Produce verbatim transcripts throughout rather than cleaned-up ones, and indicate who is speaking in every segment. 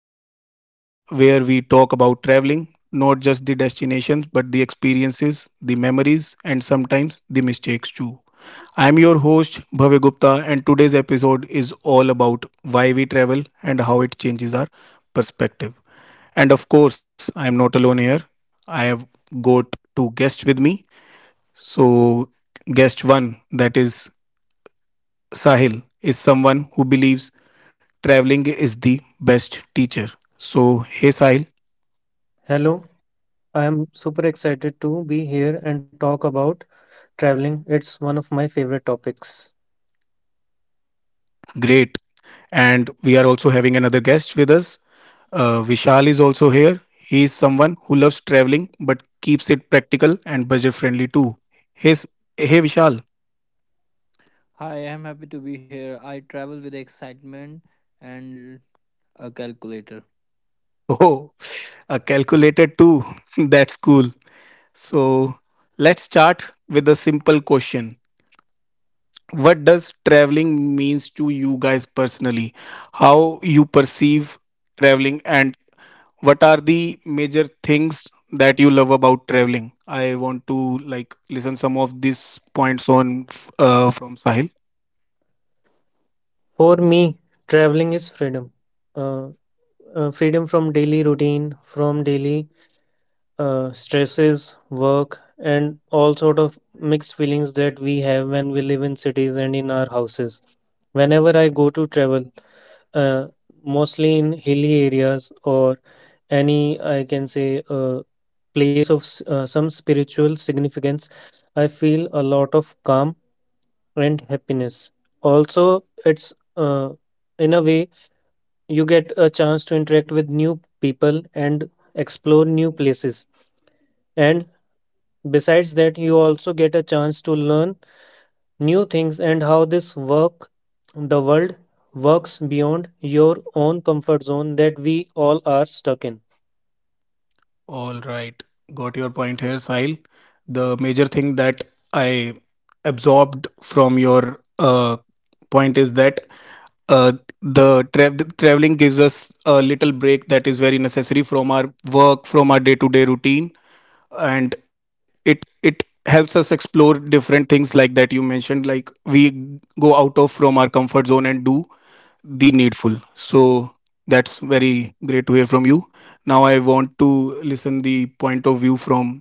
Speaker 1: episode where we talk about traveling, not just the destinations, but the experiences, the memories, and sometimes the mistakes too. I'm your host, Bhavya Gupta, and today's episode is all about why we travel and how it changes our perspective. And of course, I'm not alone here. I have got two guests with me. So, guest one, that is Sahil, is someone who believes traveling is the best teacher. So, hey Sahil,
Speaker 2: Hello, I am super excited to be here and talk about traveling. It's one of my favorite topics.
Speaker 1: great. And we are also having another guest with us. Uh, Vishal is also here. He is someone who loves traveling but keeps it practical and budget friendly too. Hey, S- hey Vishal.
Speaker 3: Hi, I am happy to be here. I travel with excitement and a calculator.
Speaker 1: Oh, a calculator too. That's cool. So, let's start with a simple question. What does traveling means to you guys personally? How you perceive traveling and what are the major things that you love about traveling? I want to like listen some of these points on f- uh, from Sahil.
Speaker 2: For me, traveling is freedom. Uh, uh, Freedom from daily routine, from daily uh, stresses, work, and all sort of mixed feelings that we have when we live in cities and in our houses. Whenever I go to travel, uh, mostly in hilly areas or any, I can say, uh, place of s- uh, some spiritual significance, I feel a lot of calm and happiness. Also, it's, uh, in a way, you get a chance to interact with new people and explore new places, and besides that you also get a chance to learn new things and how this work the world works beyond your own comfort zone that we all are stuck in.
Speaker 1: All right, got your point here, Sahil. The major thing that I absorbed from your uh, point is that uh, the, tra- the traveling gives us a little break that is very necessary from our work, from our day to day routine, and it it helps us explore different things like that you mentioned, like we go out of from our comfort zone and do the needful. So that's very great to hear from you. Now I want to listen the point of view from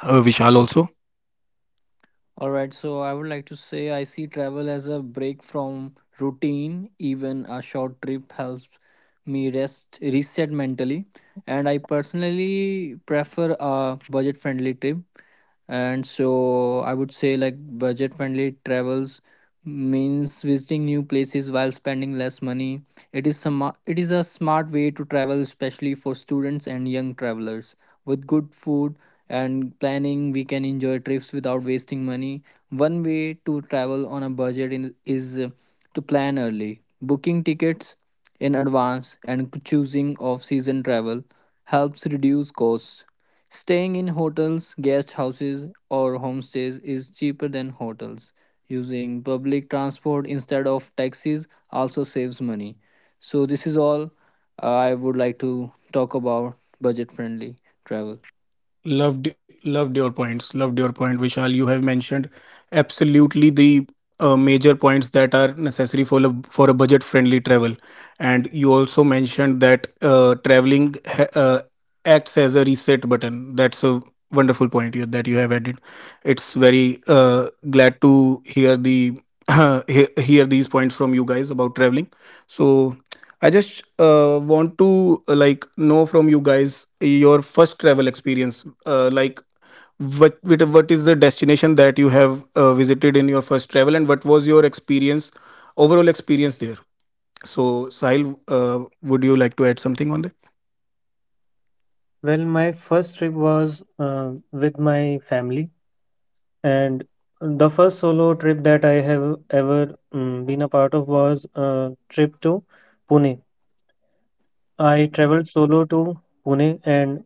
Speaker 1: uh, Vishal also.
Speaker 3: All right, so I would like to say I see travel as a break from routine. Even a short trip helps me rest, reset mentally. And I personally prefer a budget friendly trip. And so I would say, like, budget friendly travels means visiting new places while spending less money. It is some, it is a smart way to travel, especially for students and young travelers, with good food and planning we can enjoy trips without wasting money. One way to travel on a budget in, is uh, to plan early, booking tickets in advance and choosing off season travel helps reduce costs. Staying in hotels, guest houses or homestays is cheaper than hotels. Using public transport instead of taxis also saves money. So this is all uh, I would like to talk about: budget friendly travel.
Speaker 1: Loved, loved your points. Loved your point, Vishal. You have mentioned absolutely the uh, major points that are necessary for a, for a budget-friendly travel, and you also mentioned that uh, traveling ha- uh, acts as a reset button. That's a wonderful point you, that you have added. It's very uh, glad to hear the he- hear these points from you guys about traveling. So I just uh, want to uh, like know from you guys your first travel experience. Uh, like what what what is the destination that you have uh, visited in your first travel, and what was your experience, overall experience there? So, Sahil, uh, would you like to add something on that?
Speaker 2: Well, my first trip was uh, with my family, and the first solo trip that I have ever um, been a part of was a trip to Pune. I traveled solo to Pune, and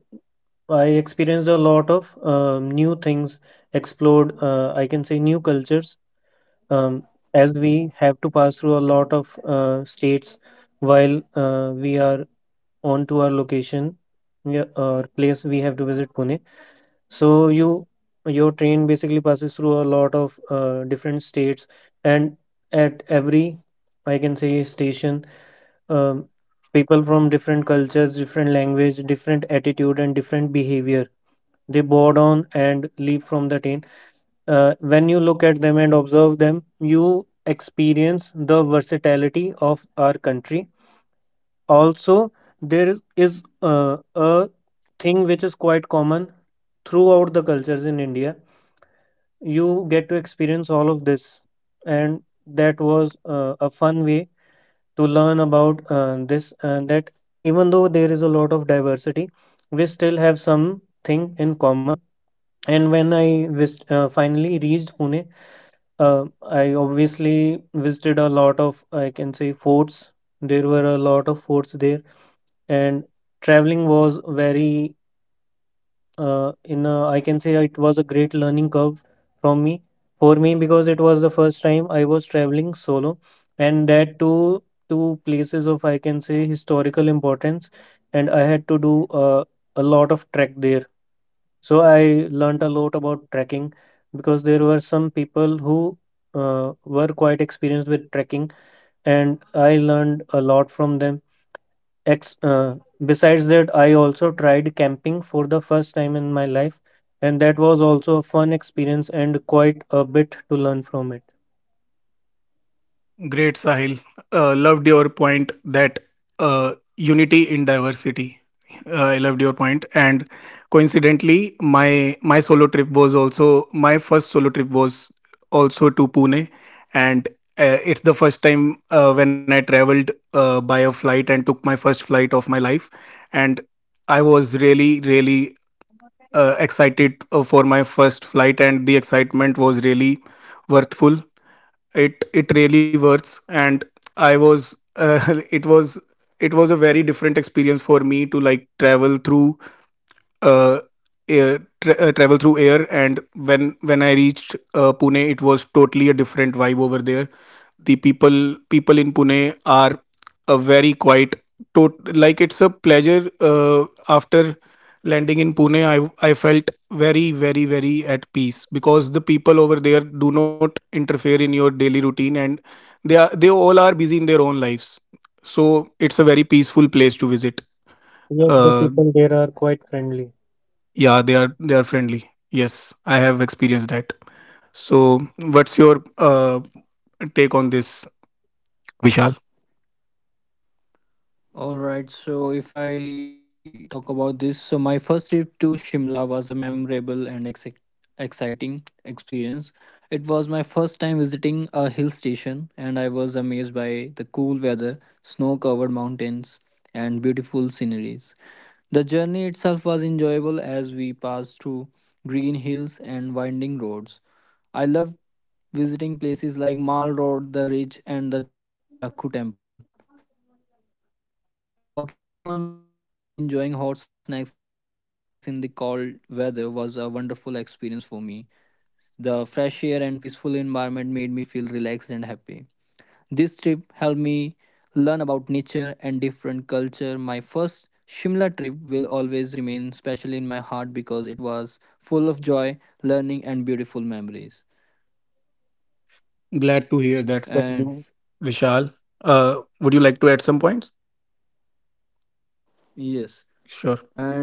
Speaker 2: I experienced a lot of um, new things, explored, uh, I can say, new cultures, um, as we have to pass through a lot of uh, states while uh, we are on to our location, yeah, or place we have to visit, Pune. So you your train basically passes through a lot of uh, different states, and at every, I can say, station, um, people from different cultures, different language, different attitude and different behavior, they board on and leave from the train. Uh, when you look at them and observe them, you experience the versatility of our country. Also, there is uh, a thing which is quite common throughout the cultures in India. You get to experience all of this, and that was uh, a fun way to learn about uh, this and that. Even though there is a lot of diversity, we still have something in common. And when I vis- uh, finally reached Pune, uh, I obviously visited a lot of, I can say, forts. There were a lot of forts there, and traveling was very, uh, in a, I can say, it was a great learning curve from me for me, because it was the first time I was traveling solo, and that to two places of, I can say, historical importance. And I had to do uh, a lot of trek there, so I learnt a lot about trekking because there were some people who uh, were quite experienced with trekking, and I learned a lot from them. Ex- uh, Besides that, I also tried camping for the first time in my life, and that was also a fun experience and quite a bit to learn from it.
Speaker 1: Great, Sahil. Uh, loved your point that uh, unity in diversity. Uh, I loved your point, and coincidentally, my my solo trip was also my first solo trip was also to Pune, and uh, it's the first time uh, when I traveled uh, by a flight and took my first flight of my life, and I was really really uh, excited uh, for my first flight, and the excitement was really worthful. It it really works, and I was uh, it was it was a very different experience for me to like travel through uh, air, tra- uh, travel through air. And when when i reached uh, Pune, it was totally a different vibe over there. The people people in Pune are a very quiet, tot- like it's a pleasure. Uh, after landing in Pune, i I felt very very very at peace because the people over there do not interfere in your daily routine, and they are they all are busy in their own lives. So it's a very peaceful place to visit.
Speaker 2: Yes, the
Speaker 1: uh,
Speaker 2: people there are quite friendly.
Speaker 1: yeah, they are they are friendly. Yes, I have experienced that. So, what's your uh, take on this, Vishal?
Speaker 3: All right, so if I talk about this, so my first trip to Shimla was a memorable and ex- exciting experience. It was my first time visiting a hill station, and I was amazed by the cool weather, snow covered mountains, and beautiful sceneries. The journey itself was enjoyable as we passed through green hills and winding roads. I loved visiting places like Mall Road, the Ridge, and the Jakku Temple. Walking on Mall Road and enjoying hot snacks in the cold weather was a wonderful experience for me. The fresh air and peaceful environment made me feel relaxed and happy. This trip helped me learn about nature and different culture. My first Shimla trip will always remain special in my heart because it was full of joy, learning and beautiful memories. And
Speaker 1: Glad to hear that. Thank you. Vishal, uh, would you like to add some points?
Speaker 3: yes,
Speaker 1: Sure.
Speaker 3: and uh,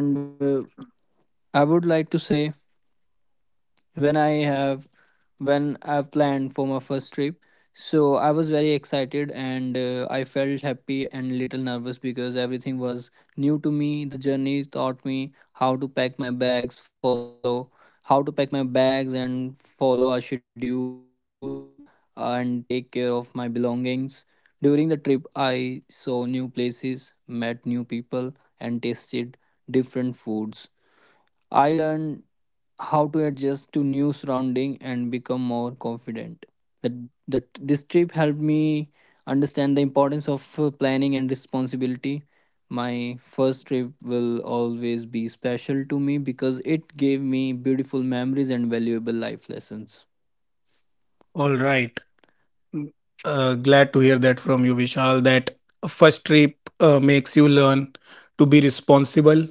Speaker 3: I would like to say when I have when I've planned for my first trip. So I was very excited and uh, I felt happy and little nervous because everything was new to me. The journey taught me how to pack my bags, follow how to pack my bags and follow a schedule uh, and take care of my belongings. During the trip, I saw new places, met new people, and tasted different foods. I learned how to adjust to new surrounding and become more confident that that this trip helped me understand the importance of uh, planning and responsibility. My first trip will always be special to me because it gave me beautiful memories and valuable life lessons.
Speaker 1: All right. Uh, glad to hear that from you, Vishal. That a first trip uh, makes you learn to be responsible,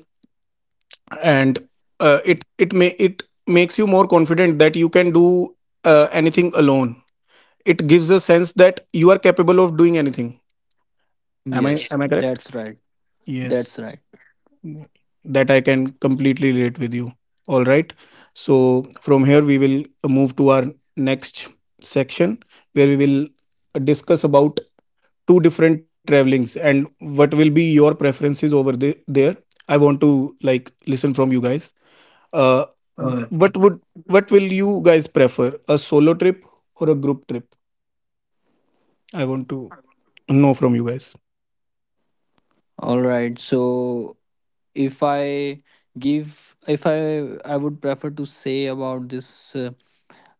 Speaker 1: and uh, it it may it makes you more confident that you can do uh, anything alone. It gives a sense that you are capable of doing anything. Am
Speaker 3: Yes,
Speaker 1: I, yeah, am I
Speaker 3: that's
Speaker 1: correct?
Speaker 3: right. That's right.
Speaker 1: Yes, that I can completely relate with you. All right, so from here we will move to our next section, where we will discuss about two different travelings and what will be your preferences over the, there. I want to like listen from you guys, uh
Speaker 3: Uh,
Speaker 1: what would, what will you guys prefer, a solo trip or a group trip? I want to know from you guys.
Speaker 3: all right. So if I give, if I, I would prefer to say about this uh,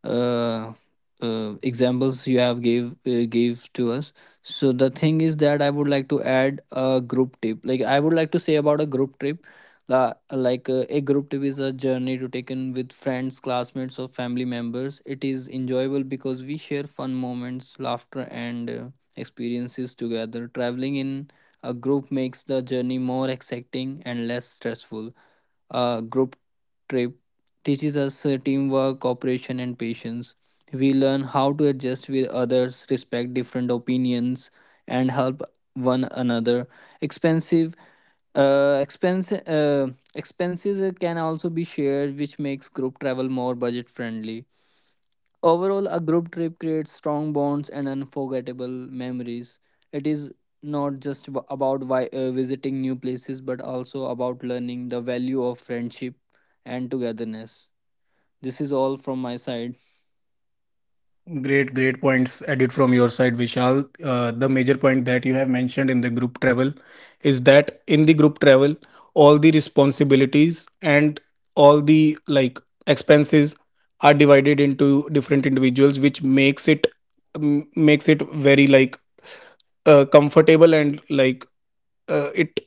Speaker 3: uh, uh, examples you have gave uh, gave to us. So the thing is that I would like to add a group tip, like I would like to say about a group trip. La like, uh, a group trip is a journey to taken with friends, classmates or family members. It is enjoyable because we share fun moments, laughter and uh, experiences together. Traveling in a group makes the journey more exciting and less stressful. Uh, group trip teaches us uh, teamwork, cooperation, and patience. We learn how to adjust with others, respect different opinions, and help one another. Expensive uh, expense uh, expenses uh, can also be shared, which makes group travel more budget friendly. Overall, a group trip creates strong bonds and unforgettable memories. It is not just ab- about vi- uh, visiting new places, but also about learning the value of friendship and togetherness. This is all from my side.
Speaker 1: Great, great points added from your side, Vishal. Uh, the major point that you have mentioned in the group travel is that in the group travel, all the responsibilities and all the like expenses are divided into different individuals, which makes it um, makes it very like uh, comfortable and like uh, it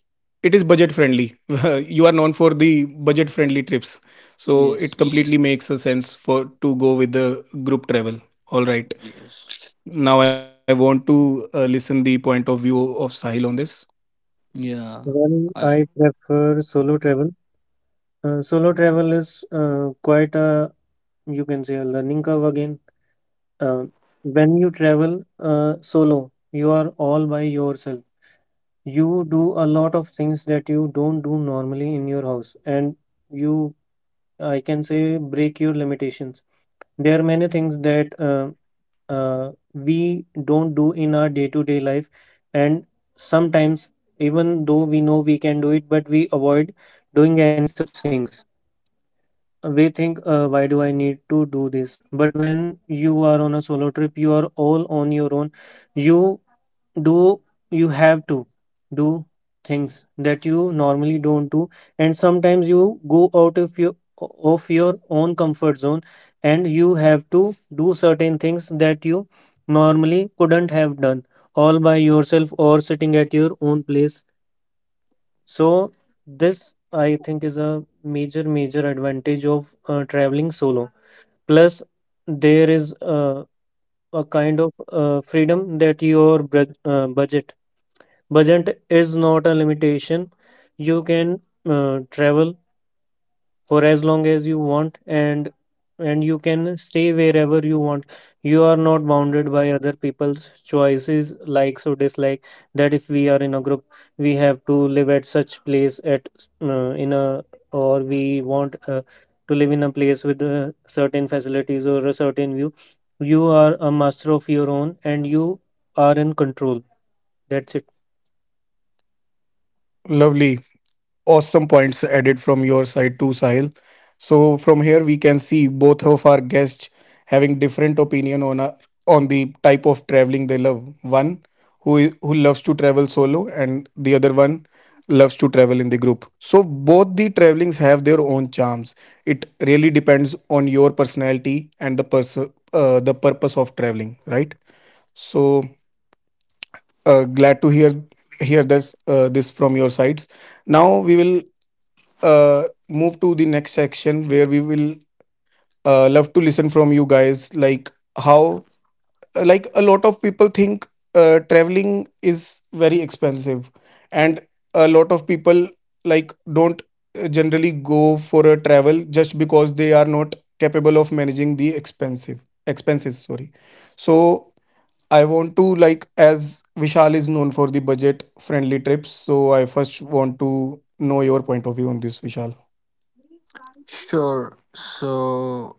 Speaker 1: it is budget friendly. You are known for the budget friendly trips, so
Speaker 3: Yes.
Speaker 1: it completely makes a sense for to go with the group travel. All right,
Speaker 3: Yes.
Speaker 1: now I want to uh, listen the point of view of Sahil on this.
Speaker 3: Yeah.
Speaker 2: Well,
Speaker 3: I
Speaker 2: I prefer solo travel. Uh, solo travel is, uh, quite a, you can say, a learning curve again. Uh, when you travel uh, solo, you are all by yourself. You do a lot of things that you don't do normally in your house, and you, I can say, break your limitations. There are many things that uh, uh, we don't do in our day-to-day life, and sometimes even though we know we can do it, but we avoid doing any such things. We think, uh, why do I need to do this? But when you are on a solo trip, you are all on your own. you do you have to do things that you normally don't do, and sometimes you go out of your of your own comfort zone, and you have to do certain things that you normally couldn't have done all by yourself or sitting at your own place. So this, I think, is a major major advantage of uh, traveling solo. Plus, there is uh, a kind of uh, freedom that your bud uh, budget budget is not a limitation. You can uh, travel for as long as you want, and and you can stay wherever you want. You are not bounded by other people's choices, likes or dislike, that if we are in a group, we have to live at such place at, uh, in a, or we want uh, to live in a place with uh, certain facilities or a certain view. You are a master of your own, and you are in control. That's it.
Speaker 1: Lovely. Awesome points added from your side too, Sahil. So from here we can see both of our guests having different opinion on a, on the type of traveling they love. One who i- who loves to travel solo, and the other one loves to travel in the group. So both the travelings have their own charms. It really depends on your personality and the pers uh, the purpose of traveling, right? So uh, glad to hear hear this uh, this from your sides. Now we will uh, move to the next section, where we will uh, love to listen from you guys, like how uh, like a lot of people think uh, traveling is very expensive, and a lot of people like don't uh, generally go for a travel just because they are not capable of managing the expensive expenses, sorry. So I want to like, as Vishal is known for the budget friendly trips, so I first want to know your point of view on this, Vishal.
Speaker 3: Sure. So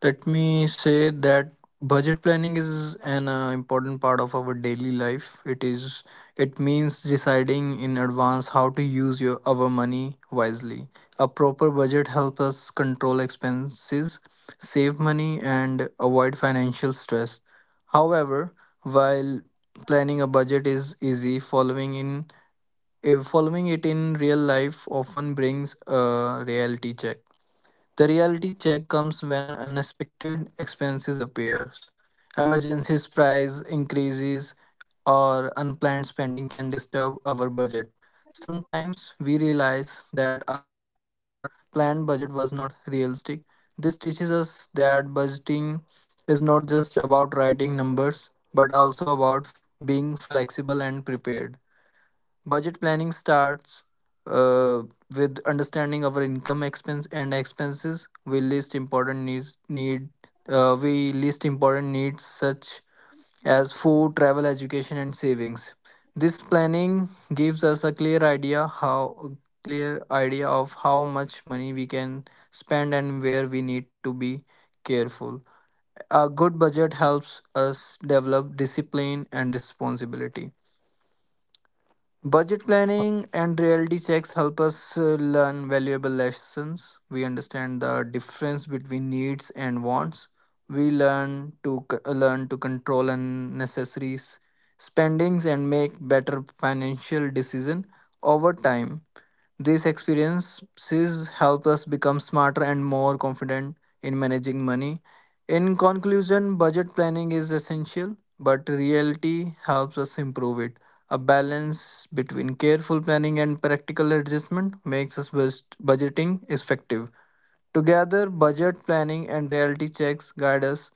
Speaker 3: let me say that budget planning is an uh, important part of our daily life. It is it means deciding in advance how to use your our money wisely. A proper budget helps us control expenses, save money and avoid financial stress. However, while planning a budget is easy, following in eh, following it in real life often brings a reality check. The reality check comes when unexpected expenses appears. Emergencies, price increases or unplanned spending can disturb our budget. Sometimes we realize that our planned budget was not realistic. This teaches us that budgeting is not just about writing numbers but also about being flexible and prepared. Budget planning starts uh, with understanding our income expense and expenses. We list important needs need uh, we list important needs such as food, travel, education, and savings. This planning gives us a clear idea how clear idea of how much money we can spend and where we need to be careful. A good budget helps us develop discipline and responsibility. Budget planning and reality checks help us uh, learn valuable lessons. We understand the difference between needs and wants. We learn to c- uh, learn to control unnecessary s- spendings and make better financial decision over time. These experiences help us become smarter and more confident in managing money. In conclusion, budget planning is essential, but reality helps us improve it. A balance between careful planning and practical adjustment makes us best budgeting effective. Together, budget planning and reality checks guide us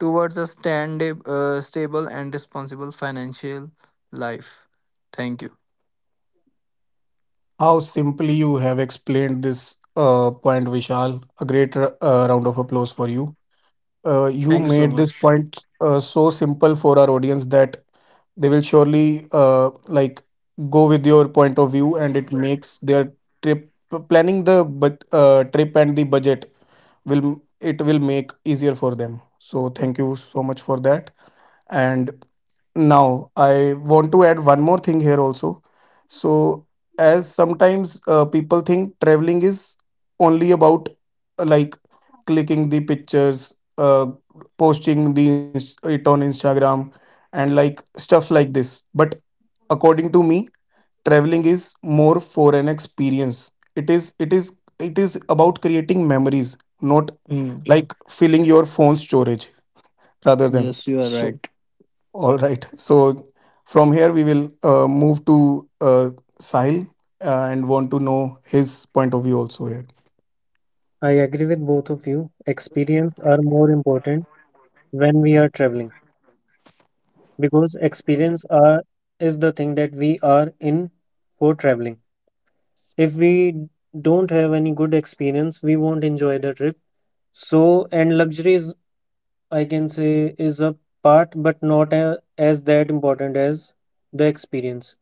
Speaker 3: towards a stand, uh, stable and responsible financial life. Thank you.
Speaker 1: How simply you have explained this uh, point, Vishal. A great r- uh, round of applause for you. Uh, you
Speaker 3: Thank you so
Speaker 1: made this
Speaker 3: much.
Speaker 1: point uh, so simple for our audience that they will surely uh, like go with your point of view, and it makes their trip planning the but uh, trip and the budget, will it will make easier for them. So thank you so much for that. And now, I want to add one more thing here also. So, as sometimes uh, people think traveling is only about uh, like clicking the pictures, uh, posting the ins- it on Instagram, and like stuff like this. But according to me, traveling is more for an experience. It is it is it is about creating memories, not
Speaker 3: Mm,
Speaker 1: like filling your phone storage rather than.
Speaker 3: yes, you are right.
Speaker 1: So, all right. So from here, we will uh, move to uh, Sahil, uh, and want to know his point of view also here.
Speaker 2: I agree with both of you. Experience are more important when we are traveling, because experience are is the thing that we are in for traveling. If we don't have any good experience, we won't enjoy the trip. So, and luxury is, I can say, is a part, but not a, as that important as the experience.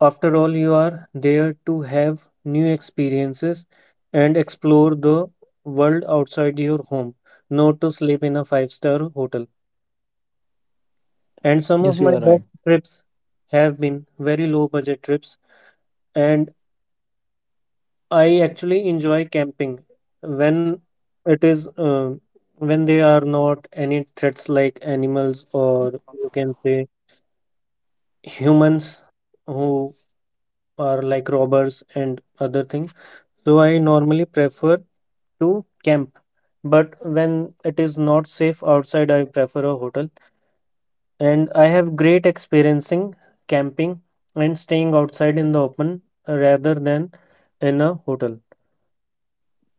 Speaker 2: After all, you are there to have new experiences and explore the world outside your home, not to sleep in a five-star hotel. And some of
Speaker 3: Yes, you
Speaker 2: my
Speaker 3: are right.
Speaker 2: best trips have been very low budget trips, and I actually enjoy camping when, it is uh, when there are not any threats like animals or, you can say, humans who are like robbers and other things. So I normally prefer to camp, but when it is not safe outside, I prefer a hotel. And I have great experiencing camping and staying outside in the open rather than in a hotel.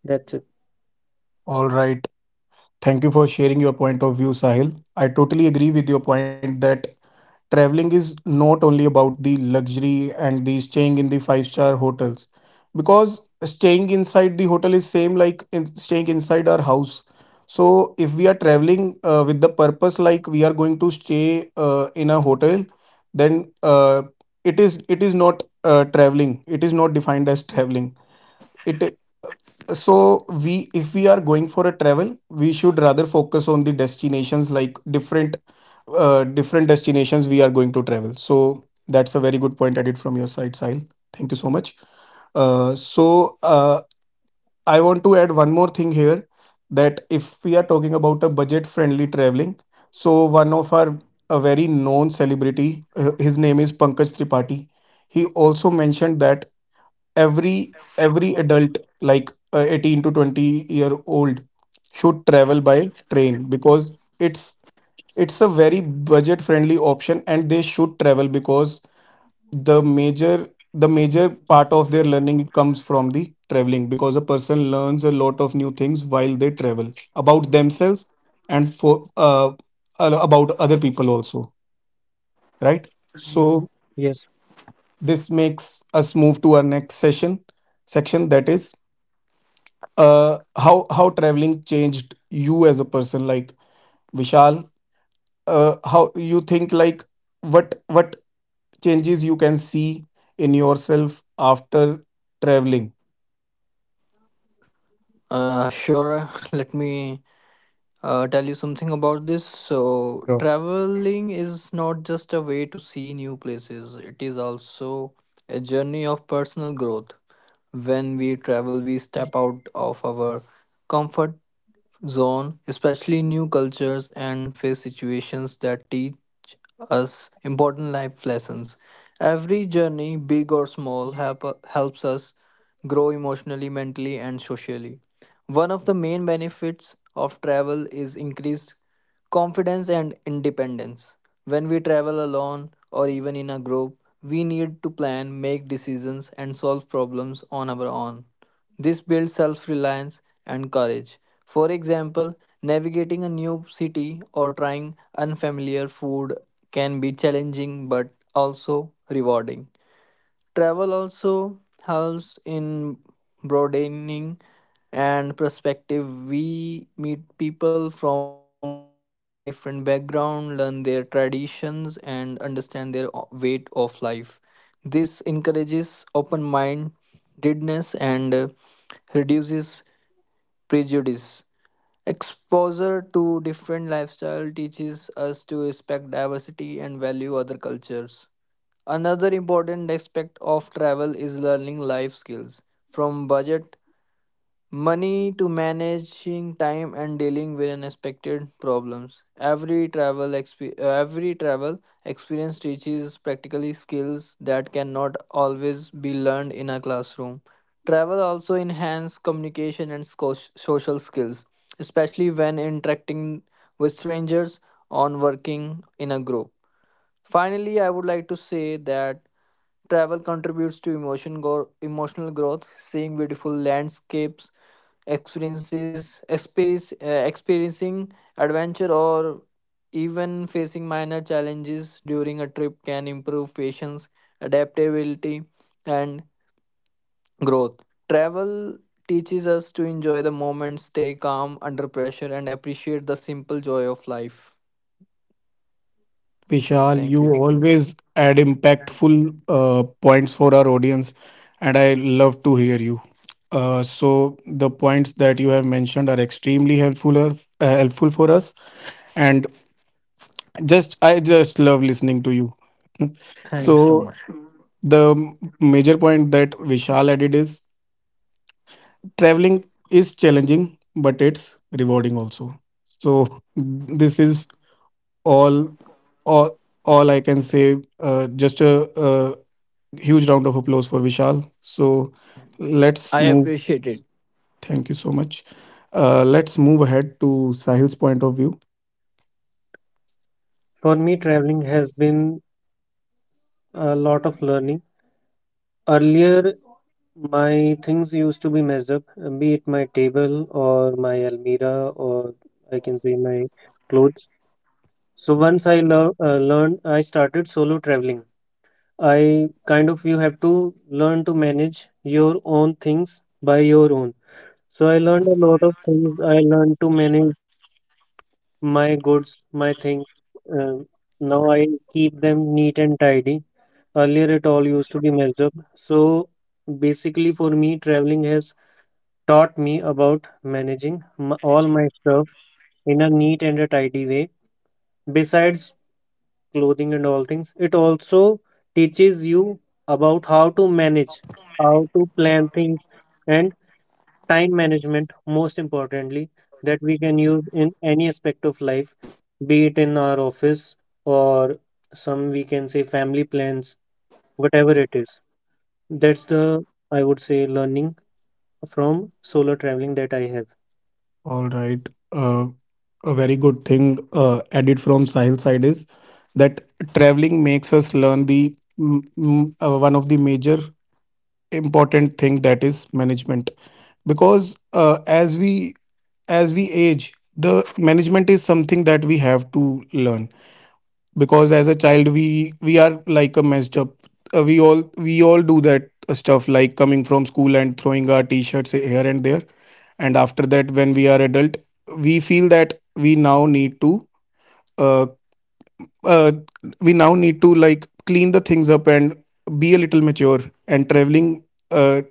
Speaker 2: That's it.
Speaker 1: All right. Thank you for sharing your point of view, Sahil. I totally agree with your point that traveling is not only about the luxury and the staying in the five-star hotels, because staying inside the hotel is same like in staying inside our house. So if we are traveling uh, with the purpose like we are going to stay uh, in a hotel, then uh, it is it is not uh, traveling. It is not defined as traveling. It, so we, if we are going for a travel, we should rather focus on the destinations, like different uh, different destinations we are going to travel. So that's a very good point added from your side, Sahil. Thank you so much. uh, so uh, I want to add one more thing here: that if we are talking about a budget friendly traveling, so one of our a very known celebrity, uh, his name is Pankaj Tripathi, he also mentioned that every every adult, like uh, eighteen to twenty year old, should travel by train because it's it's a very budget friendly option, and they should travel because the major the major part of their learning comes from the traveling, because a person learns a lot of new things while they travel about themselves and for uh, a- about other people also, right? So
Speaker 2: Yes,
Speaker 1: this makes us move to our next session section, that is uh how how traveling changed you as a person. Like, Vishal, uh how you think, like, what what changes you can see in yourself after traveling?
Speaker 3: Uh, sure. Let me uh, tell you something about this. So,
Speaker 1: Sure.
Speaker 3: traveling is not just a way to see new places, it is also a journey of personal growth. When we travel, we step out of our comfort zone, especially new cultures and face situations that teach us important life lessons. Every journey, big or small, help, helps us grow emotionally, mentally, and socially. One of the main benefits of travel is increased confidence and independence. When we travel alone or even in a group, we need to plan, make decisions, and solve problems on our own. This builds self reliance and courage. For example, navigating a new city or trying unfamiliar food can be challenging but also rewarding. Travel also helps in broadening and perspective. We meet people from different background, learn their traditions, and understand their o- way of life. This encourages open-mindedness and uh, reduces prejudice. Exposure to different lifestyle teaches us to respect diversity and value other cultures. Another important aspect of travel is learning life skills, from budget, money to managing time and dealing with unexpected problems. Every travel exp- every travel experience teaches practically skills that cannot always be learned in a classroom. Travel also enhances communication and sco- social skills, especially when interacting with strangers on working in a group. Finally, I would like to say that travel contributes to emotion go- emotional growth. Seeing beautiful landscapes, experiences, experience, uh, experiencing adventure, or even facing minor challenges during a trip can improve patience, adaptability, and growth. Travel teaches us to enjoy the moment, stay calm under pressure, and appreciate the simple joy of life.
Speaker 1: Vishal, you
Speaker 3: Thank you.
Speaker 1: always add impactful uh points for our audience, and I love to hear you. Uh so the points that you have mentioned are extremely helpful or, uh, helpful for us, and just, I just love listening to you.
Speaker 3: Thanks so
Speaker 1: So
Speaker 3: much.
Speaker 1: the m- major point that Vishal added is traveling is challenging, but it's rewarding also. So this is all, all, all I can say. Uh, just a, a huge round of applause for Vishal. So let's
Speaker 3: I
Speaker 1: move.
Speaker 3: appreciate it.
Speaker 1: Thank you so much. Uh, let's move ahead to Sahil's point of view.
Speaker 2: for me, traveling has been a lot of learning. Earlier, my things used to be messed up, uh, be it my table or my almirah or, I can say, my clothes. So once I lear- uh, learned, I started solo traveling. I kind of, you have to learn to manage your own things by your own. So I learned a lot of things. I learned to manage my goods, my things. Um Now I keep them neat and tidy. Earlier, it all used to be messed up. So basically, for me, traveling has taught me about managing m all my stuff in a neat and a tidy way. Besides clothing and all things, it also teaches you about how to manage, how to plan things, and time management, most importantly, that we can use in any aspect of life, be it in our office or, some we can say, family plans, whatever it is. That's the, I would say, learning from solo traveling that I have.
Speaker 1: All right. Uh, a very good thing uh, added from Sahil side is that traveling makes us learn the mm, mm, uh, one of the major important thing that is management because uh, as we as we age the management is something that we have to learn because as a child we we are like a messed up uh, we all we all do that uh, stuff like coming from school and throwing our t-shirts here and there. And after that when we are adult we feel that we now need to uh, uh, we now need to like clean the things up and be a little mature. And traveling uh,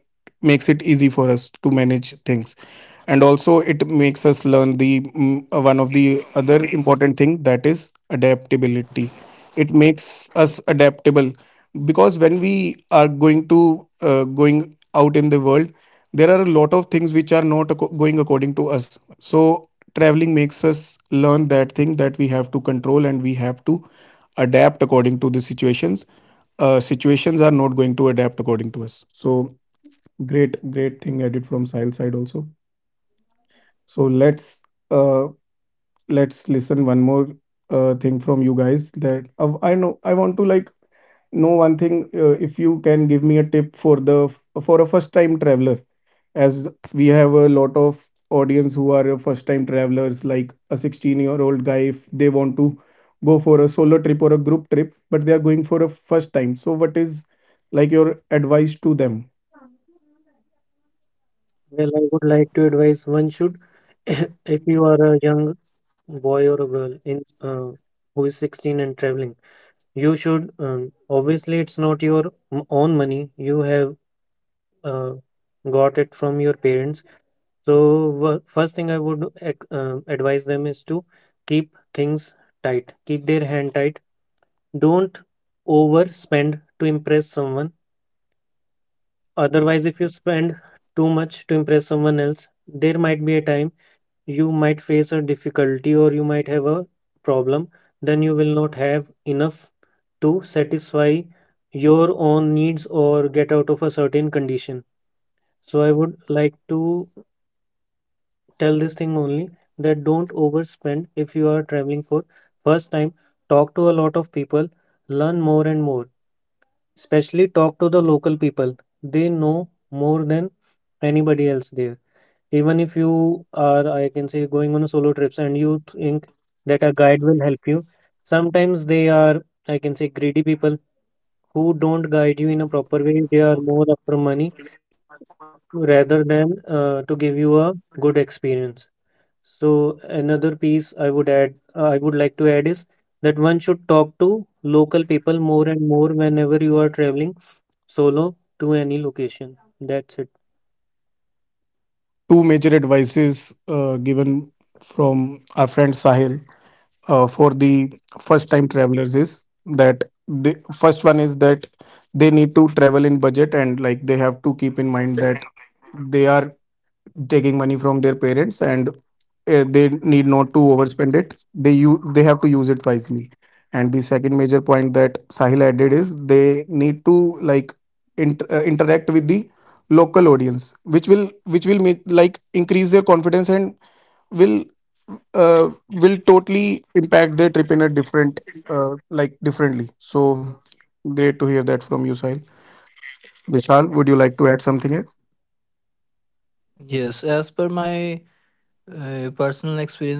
Speaker 1: makes it easy for us to manage things, and also it makes us learn the mm, uh, one of the other important thing that is adaptability. It makes us adaptable because when we are going to uh, going out in the world there are a lot of things which are not acco- going according to us. So traveling makes us learn that thing, that we have to control and we have to adapt according to the situations. Uh, situations are not going to adapt according to us. So great great thing added from Sahil side also. So let's uh, let's listen one more uh, thing from you guys. That uh, I know I want to like know one thing. Uh, if you can give me a tip for the for a first time traveler, as we have a lot of audience who are first time travelers, like a sixteen year old guy, if they want to go for a solo trip or a group trip, but they are going for a first time, so what is like your advice to them?
Speaker 2: Well, I would like to advise one should, if you are a young boy or a girl in uh, who is sixteen and traveling, you should, um, obviously it's not your m- own money. You have uh, got it from your parents. So, first thing I would uh, advise them is to keep things tight, keep their hand tight. Don't overspend to impress someone. Otherwise, if you spend too much to impress someone else, there might be a time you might face a difficulty or you might have a problem. Then you will not have enough to satisfy your own needs or get out of a certain condition. So, I would like to tell this thing only that don't overspend. If you are traveling for first time, talk to a lot of people, learn more and more, especially talk to the local people. They know more than anybody else there. Even if you are, I can say, going on a solo trips and you think that a guide will help you, sometimes they are, I can say, greedy people who don't guide you in a proper way. They are more after money rather than uh, to give you a good experience. So another piece I would add, I would like to add is that one should talk to local people more and more whenever you are traveling solo to any location. That's it.
Speaker 1: Two major advices uh, given from our friend Sahil, uh, for the first time travelers, is that the first one is that they need to travel in budget and like they have to keep in mind that they are taking money from their parents and uh, they need not to overspend it. They you they have to use it wisely. And the second major point that Sahil added is they need to like int- uh, interact with the local audience, which will which will make like increase their confidence and will uh, will totally impact their trip in a different, uh, like differently. So great to hear that from you, Sahil. Vishal, would you like to add something else?
Speaker 3: Yes, as per my Uh, personal experience,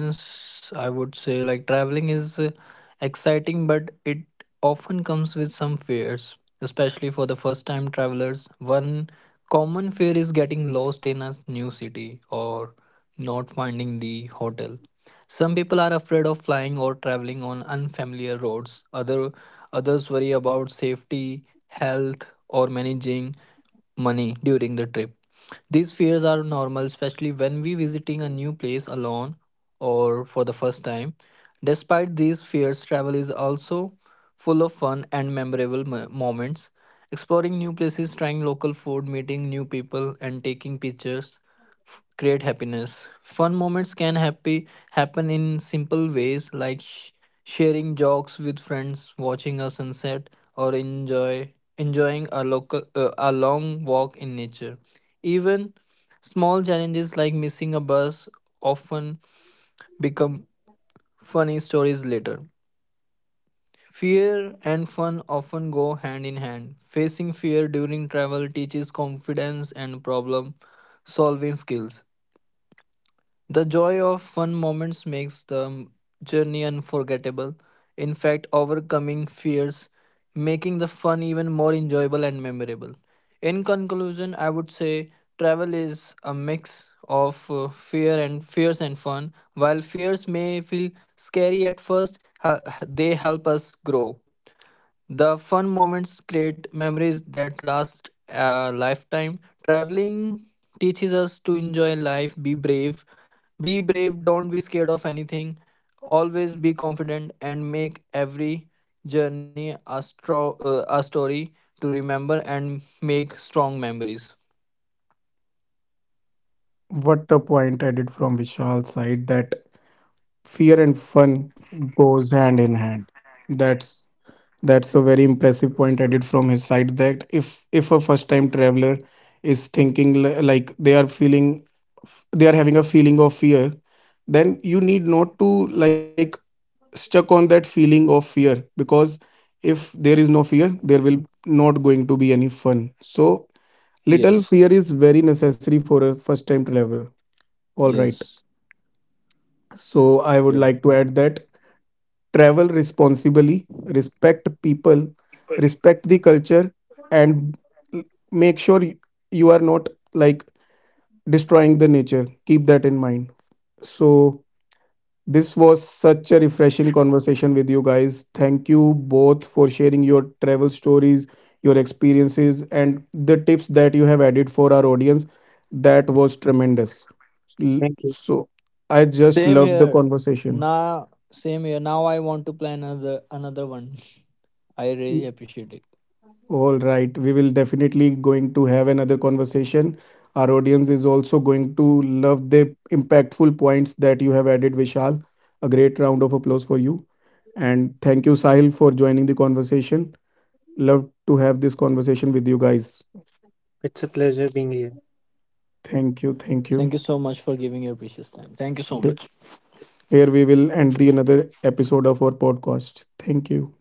Speaker 3: I would say, like, traveling is uh, exciting, but it often comes with some fears, especially for the first time travelers. One common fear is getting lost in a new city or not finding the hotel. Some people are afraid of flying or traveling on unfamiliar roads. Other others worry about safety, health, or managing money during the trip. These fears are normal, especially when we visiting a new place alone or for the first time. Despite these fears, travel is also full of fun and memorable mo- moments. Exploring new places, trying local food, meeting new people, and taking pictures f- create happiness. Fun moments can happy happen in simple ways like sh- sharing jokes with friends, watching a sunset, or enjoy enjoying a local uh, a long walk in nature. Even small challenges like missing a bus often become funny stories later. Fear and fun often go hand in hand. Facing fear during travel teaches confidence and problem solving skills. The joy of fun moments makes the journey unforgettable. In fact, overcoming fears, making the fun even more enjoyable and memorable. In conclusion, I would say travel is a mix of uh, fear and fears and fun. While fears may feel scary at first, ha- they help us grow. The fun moments create memories that last a lifetime. Traveling teaches us to enjoy life, be brave, be brave, don't be scared of anything, always be confident, and make every journey a, stro- uh, a story to remember and make strong memories.
Speaker 1: What a point added from Vishal's side, that fear and fun goes hand in hand. That's that's a very impressive point added from his side, that if if a first time traveler is thinking li- like they are feeling f- they are having a feeling of fear, then you need not to like stuck on that feeling of fear. Because if there is no fear, there will not going to be any fun. So little
Speaker 3: Yes,
Speaker 1: fear is very necessary for a first time traveler. All right.
Speaker 3: yes,
Speaker 1: So I would
Speaker 3: yeah.
Speaker 1: like to add that travel responsibly, respect people, respect the culture, and l- make sure y- you are not like destroying the nature. Keep that in mind. So this was such a refreshing conversation with you guys. Thank you both for sharing your travel stories, your experiences, and the tips that you have added for our audience. That was tremendous. L-
Speaker 2: Thank you.
Speaker 1: So I just
Speaker 3: Same
Speaker 1: loved the
Speaker 3: here.
Speaker 1: conversation.
Speaker 3: Now, same here. Now I want to plan another another one. I really appreciate it.
Speaker 1: All right, we will definitely going to have another conversation. Our audience is also going to love the impactful points that you have added, Vishal. A great round of applause for you. And thank you, Sahil, for joining the conversation. Love to have this conversation with you guys.
Speaker 2: It's a pleasure being here.
Speaker 1: Thank you,
Speaker 3: Thank
Speaker 1: thank
Speaker 3: you
Speaker 1: you.
Speaker 3: so much for giving your precious time. Thank you so much.
Speaker 1: Here we will end the another episode of our podcast. Thank you.